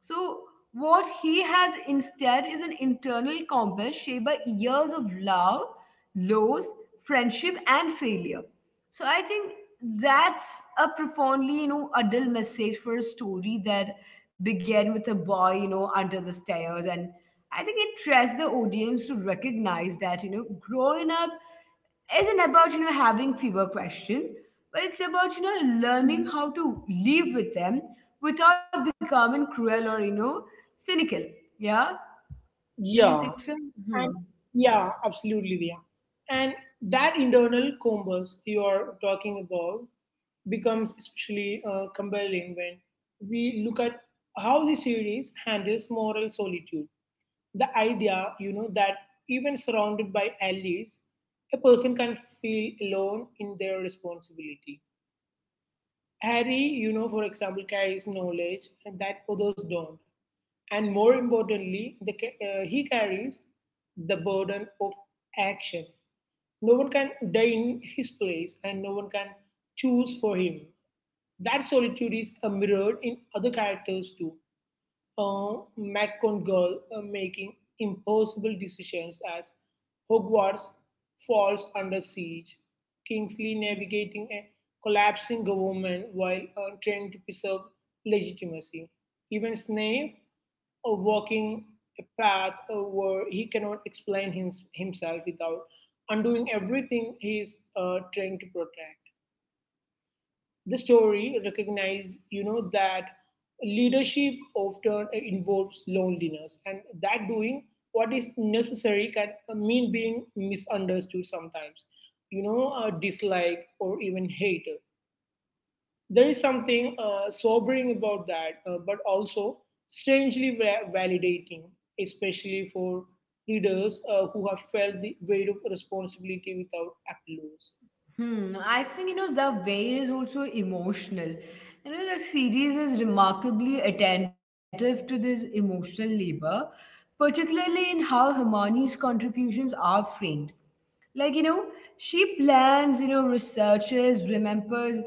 [SPEAKER 1] So what he has instead is an internal compass shaped by years of love, loss, friendship, and failure. So I think that's a profoundly adult message for a story that began with a boy under the stairs, and I think it trusts the audience to recognize that, growing up isn't about, having fewer questions, but it's about, learning how to live with them without becoming cruel or, cynical. Yeah? Don't you
[SPEAKER 2] Yeah.
[SPEAKER 1] think so? Hmm.
[SPEAKER 2] And yeah, absolutely, Dia. And that internal compass you are talking about becomes especially compelling when we look at how the series handles moral solitude. The idea, that even surrounded by allies, a person can feel alone in their responsibility. Harry, for example, carries knowledge that others don't. And more importantly, he carries the burden of action. No one can die in his place and no one can choose for him. That solitude is mirrored in other characters too. uh, McGonagall making impossible decisions as Hogwarts falls under siege, Kingsley navigating a collapsing government while trying to preserve legitimacy, even Snape walking a path where he cannot explain himself without undoing everything he is trying to protect. The story recognizes, that leadership often involves loneliness, and that doing what is necessary can mean being misunderstood sometimes, disliked or even hated. There is something sobering about that, but also strangely validating, especially for leaders who have felt the weight of responsibility without applause.
[SPEAKER 1] Hmm. I think, the way is also emotional. The series is remarkably attentive to this emotional labor, particularly in how Hermione's contributions are framed. Like, she plans, researches, remembers,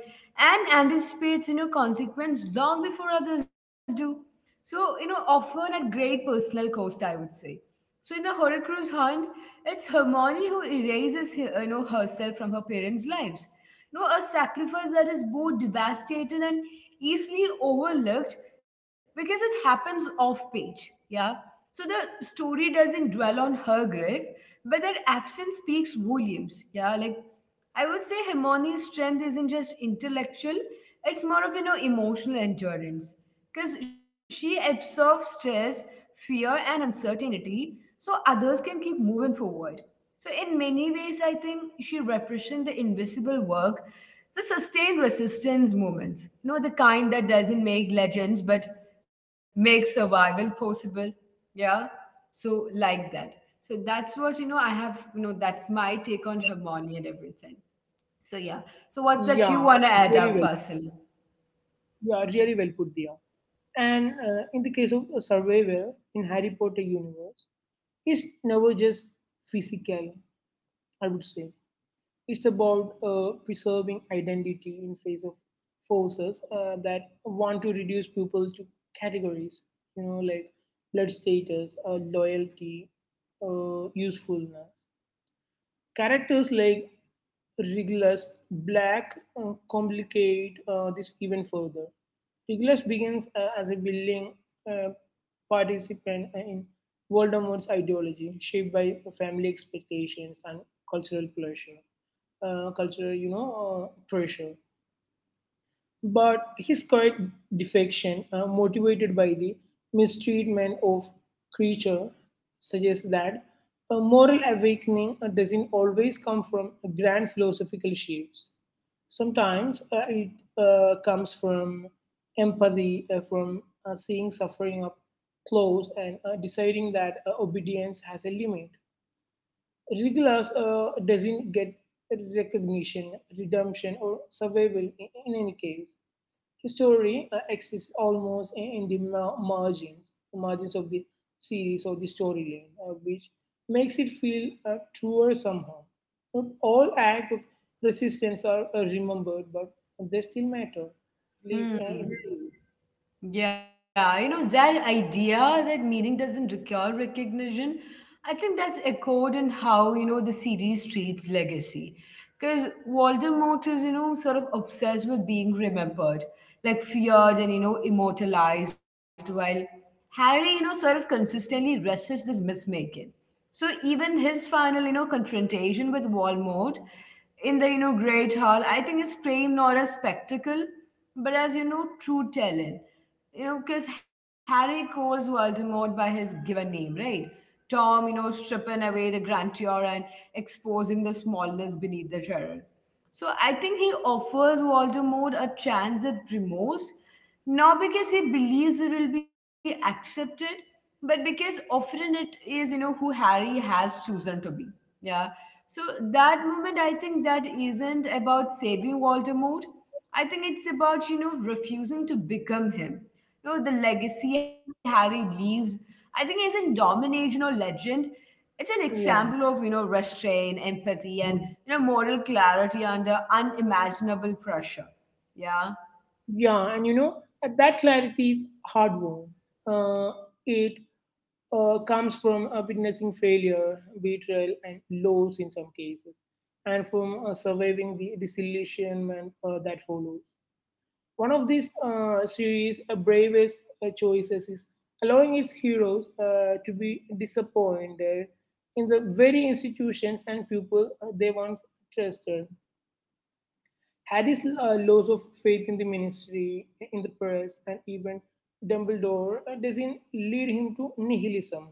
[SPEAKER 1] and anticipates, consequence long before others do. So, often at great personal cost, I would say. So in the Horcrux hunt, it's Hermione who erases, herself from her parents' lives. A sacrifice that is both devastating and easily overlooked because it happens off page. Yeah. So the story doesn't dwell on her grave, but their absence speaks volumes. Yeah, like I would say Hermione's strength isn't just intellectual, it's more of emotional endurance. Because she absorbs stress, fear, and uncertainty so others can keep moving forward. So, in many ways, I think she represents the invisible work, the sustained resistance movements, the kind that doesn't make legends but makes survival possible. Yeah. So, like that. So, that's what, I have, that's my take on Hermione and everything. So, yeah. So,
[SPEAKER 2] Yeah,
[SPEAKER 1] what's that you
[SPEAKER 2] really
[SPEAKER 1] want to
[SPEAKER 2] well.
[SPEAKER 1] add up, Fasil?
[SPEAKER 2] Yeah, really well put, Dia. And in the case of a survivor in Harry Potter universe, it's never just physical. I would say it's about preserving identity in face of forces that want to reduce people to categories. Like blood status, loyalty, usefulness. Characters like Regulus Black complicate this even further. Regulus begins as a willing uh, participant in Voldemort's ideology, shaped by family expectations and cultural pressure, cultural, pressure. But his quiet defection, motivated by the mistreatment of creature, suggests that a moral awakening doesn't always come from grand philosophical shifts. Sometimes it comes from empathy, from seeing suffering up close and deciding that obedience has a limit. Regulus doesn't get recognition, redemption, or survival in any case. Story exists almost in the margins of the series or the storyline, which makes it feel truer somehow. Not all acts of resistance are remembered, but they still matter, at least in the series.
[SPEAKER 1] Hmm. Yeah, that idea that meaning doesn't require recognition, I think that's echoed in how, the series treats legacy. Because Voldemort is, sort of obsessed with being remembered, like feared and, immortalized, while Harry, sort of consistently resists this myth making. So even his final, confrontation with Voldemort in the, Great Hall, I think is framed not as spectacle, but as, true talent, because Harry calls Voldemort by his given name, right? Tom, stripping away the grandeur and exposing the smallness beneath the terror. So I think he offers Voldemort a chance at remorse, not because he believes it will be accepted, but because often it is, who Harry has chosen to be. Yeah. So that moment, I think that isn't about saving Voldemort. I think it's about, refusing to become him, the legacy Harry leaves, I think isn't domination or legend. It's an example
[SPEAKER 2] Yeah.
[SPEAKER 1] of, restraint, empathy, and,
[SPEAKER 2] Hmm.
[SPEAKER 1] moral clarity under unimaginable pressure. Yeah.
[SPEAKER 2] Yeah, and that clarity is hard won. Uh, it comes from witnessing failure, betrayal, and loss in some cases, and from surviving the disillusionment that follows. One of these series' bravest choices is allowing its heroes to be disappointed in the very institutions and people they once trusted. Harry's loss of faith in the ministry, in the press, and even Dumbledore doesn't lead him to nihilism,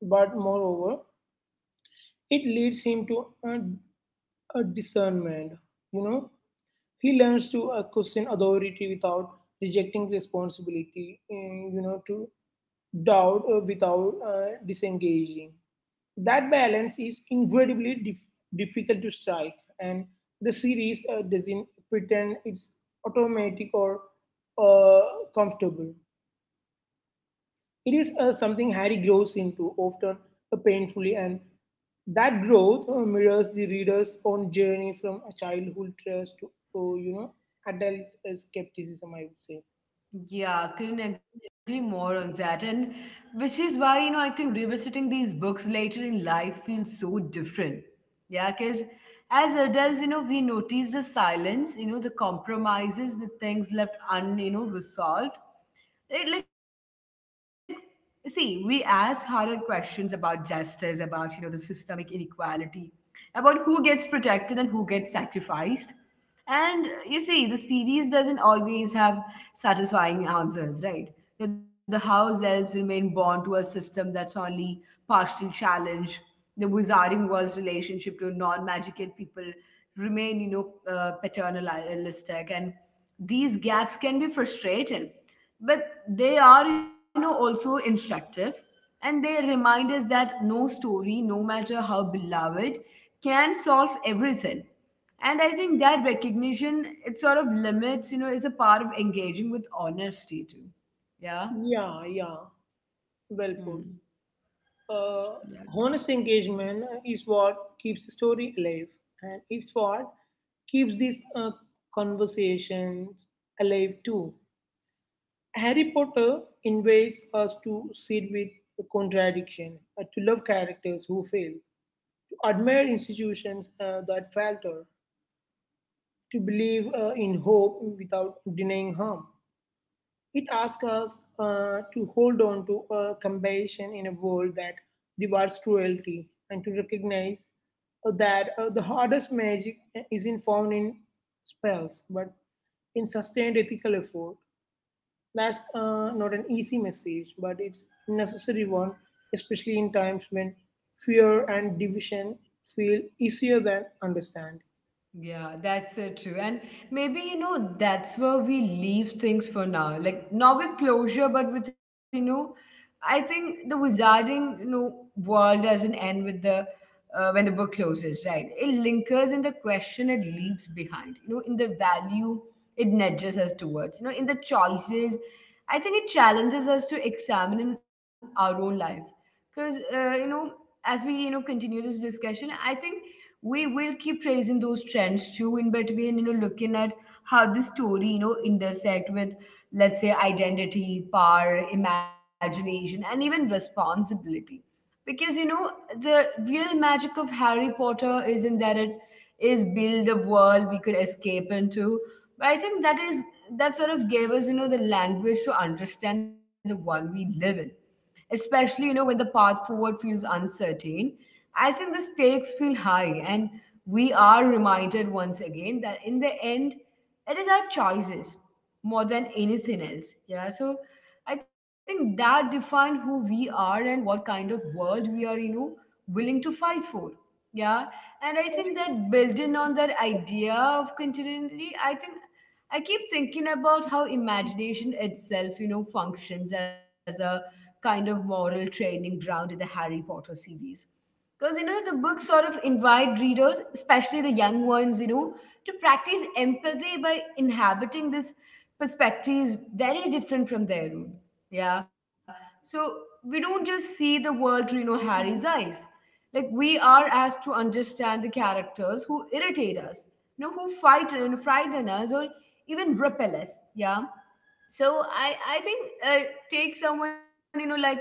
[SPEAKER 2] but moreover, it leads him to a discernment. You know, he learns to question authority without rejecting responsibility, and to doubt without disengaging. That balance is incredibly difficult to strike, and the series doesn't pretend it's automatic or uh, comfortable. It is something Harry grows into, often painfully, and that growth mirrors the reader's own journey from a childhood trust to, uh, you know, adult skepticism, I would say.
[SPEAKER 1] Yeah, couldn't agree more on that. And which is why, I think revisiting these books later in life feels so different. Yeah, because as adults, we notice the silence, the compromises, the things left un resolved. Right, like see we ask harder questions about justice, about the systemic inequality, about who gets protected and who gets sacrificed, and you see the series doesn't always have satisfying answers, right? The house elves remain bound to a system that's only partially challenged, the wizarding world's relationship to non-magical people remain paternalistic, and these gaps can be frustrating, but they are also instructive, and they remind us that no story, no matter how beloved, can solve everything. And I think that recognition, it sort of limits is a part of engaging with honesty too. Yeah.
[SPEAKER 2] Yeah, yeah, well
[SPEAKER 1] Hmm.
[SPEAKER 2] put. Uh,
[SPEAKER 1] Yeah.
[SPEAKER 2] Honest engagement is what keeps the story alive, and it's what keeps these conversations alive too. Harry Potter invites us to sit with the contradiction, to love characters who fail, to admire institutions that falter, to believe in hope without denying harm. It asks us to hold on to compassion in a world that rewards cruelty, and to recognize that the hardest magic isn't found in spells but in sustained ethical effort. That's not an easy message, but it's necessary one, especially in times when fear and division feel easier than understand.
[SPEAKER 1] Yeah, that's so true. And maybe, that's where we leave things for now. Like, not with closure, but with, I think the wizarding, world doesn't end with the, when the book closes, right? It lingers in the question it leaves behind, in the value it nudges us towards, in the choices. I think it challenges us to examine in our own life. Because, as we, continue this discussion, I think we will keep tracing those trends too, in between looking at how the story intersect with, let's say, identity, power, imagination, and even responsibility. Because the real magic of Harry Potter isn't that it is build a world we could escape into, but I think that is, that sort of gave us the language to understand the one we live in, especially when the path forward feels uncertain. I think the stakes feel high, and we are reminded once again that in the end, it is our choices more than anything else. Yeah. So I think that define who we are and what kind of world we are willing to fight for. Yeah. And I think that, building on that idea of continuity, I think I keep thinking about how imagination itself functions as a kind of moral training ground in the Harry Potter series. Because, the book sort of invite readers, especially the young ones, to practice empathy by inhabiting this perspectives very different from their own. Yeah. So we don't just see the world through, Harry's eyes. Like we are asked to understand the characters who irritate us, who fight and frighten us or even repel us. Yeah, so I think take someone like let's say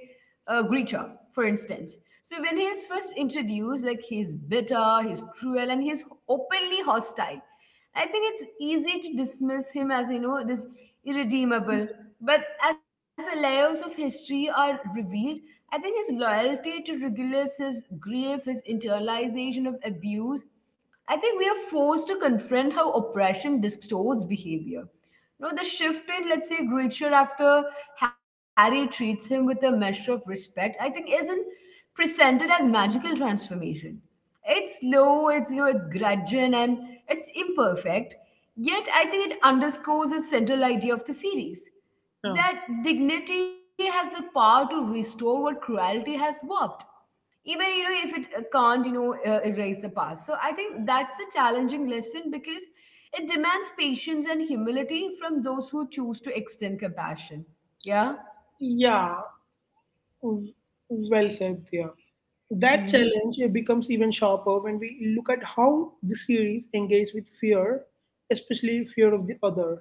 [SPEAKER 1] Grisha, for instance. So when he is first introduced, like he's bitter, he's cruel, and he's openly hostile. I think it's easy to dismiss him as this irredeemable, but as the layers of history are revealed, I think his loyalty to Regulus, his grief, his internalization of abuse, I think we are forced to confront how oppression distorts behavior. The shift in, let's say, Gretchen after Harry treats him with a measure of respect, I think isn't presented as magical transformation. It's slow, it's gradual and it's imperfect. Yet I think it underscores its central idea of the series.
[SPEAKER 2] Now,
[SPEAKER 1] That dignity has the power to restore what cruelty has warped, even if it can't erase the past. So I think that's a challenging lesson, because it demands patience and humility from those who choose to extend compassion. Yeah.
[SPEAKER 2] yeah, w- well said there. That
[SPEAKER 1] Mm-hmm.
[SPEAKER 2] challenge becomes even sharper when we look at how the series engage with fear, especially fear of the other.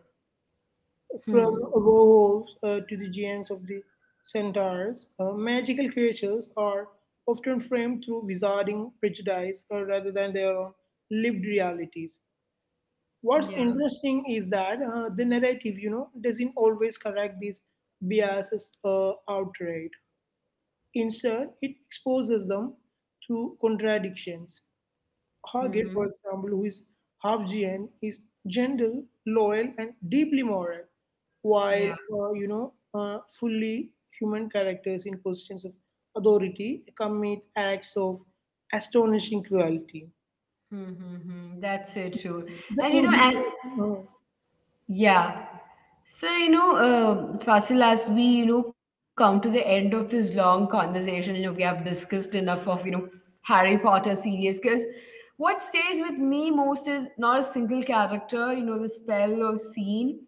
[SPEAKER 2] From
[SPEAKER 1] hmm
[SPEAKER 2] warhorses to the giants of the centaurs, magical creatures are often framed through wizarding prejudice rather than their own lived realities. What's
[SPEAKER 1] yeah.
[SPEAKER 2] interesting is that the narrative, doesn't always correct these biases outright. Instead, it exposes them through contradictions. Hargit, for
[SPEAKER 1] Mm-hmm.
[SPEAKER 2] example, who is half GN, is gentle, loyal, and deeply moral, while
[SPEAKER 1] Yeah.
[SPEAKER 2] fully human characters in positions of authority commit acts of astonishing cruelty.
[SPEAKER 1] Mm-hmm. Hmm. That's so true.
[SPEAKER 2] The
[SPEAKER 1] And you know as
[SPEAKER 2] implication, uh,
[SPEAKER 1] Yeah. So, Fasil, as we, come to the end of this long conversation, we have discussed enough of, Harry Potter series, because what stays with me most is not a single character, the spell or scene,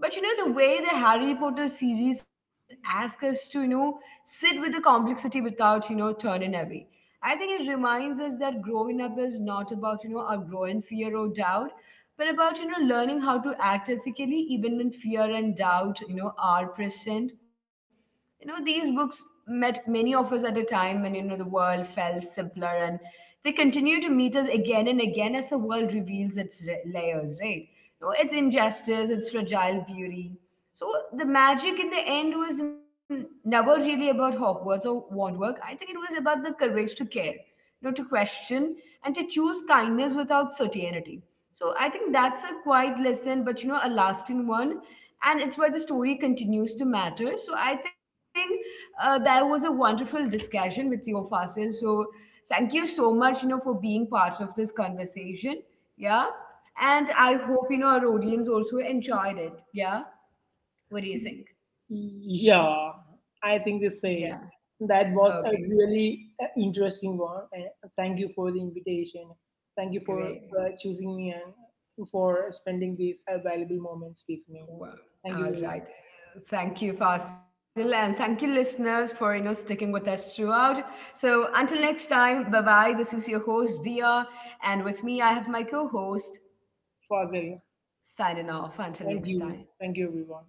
[SPEAKER 1] but, the way the Harry Potter series asks us to, sit with the complexity without, turning away. I think it reminds us that growing up is not about, outgrowing fear or doubt, but about learning how to act ethically even when fear and doubt are present. These books met many of us at a time when the world felt simpler, and they continue to meet us again and again as the world reveals its layers, right? Its injustice, its fragile beauty. So the magic in the end was never really about Hogwarts or wand work. I think it was about the courage to care, to question, and to choose kindness without certainty. So I think that's a quiet lesson, but a lasting one. And it's why the story continues to matter. So I think that was a wonderful discussion with you, Fasil. So thank you so much, for being part of this conversation. Yeah. And I hope, our audience also enjoyed it. Yeah. What do you think?
[SPEAKER 2] Yeah, I think the
[SPEAKER 1] Yeah.
[SPEAKER 2] same. That was
[SPEAKER 1] Okay.
[SPEAKER 2] a really interesting one. And thank you for the invitation. Thank you for
[SPEAKER 1] Great.
[SPEAKER 2] choosing me and for spending these valuable moments with me.
[SPEAKER 1] Wow.
[SPEAKER 2] Thank you
[SPEAKER 1] All
[SPEAKER 2] very
[SPEAKER 1] right.
[SPEAKER 2] much.
[SPEAKER 1] Thank you, Fasil, and thank you, listeners, for sticking with us throughout. So until next time, bye bye. This is your host Dia, and with me I have my co-host
[SPEAKER 2] Fazil,
[SPEAKER 1] signing off. Until
[SPEAKER 2] thank
[SPEAKER 1] next
[SPEAKER 2] you.
[SPEAKER 1] time.
[SPEAKER 2] Thank you, everyone.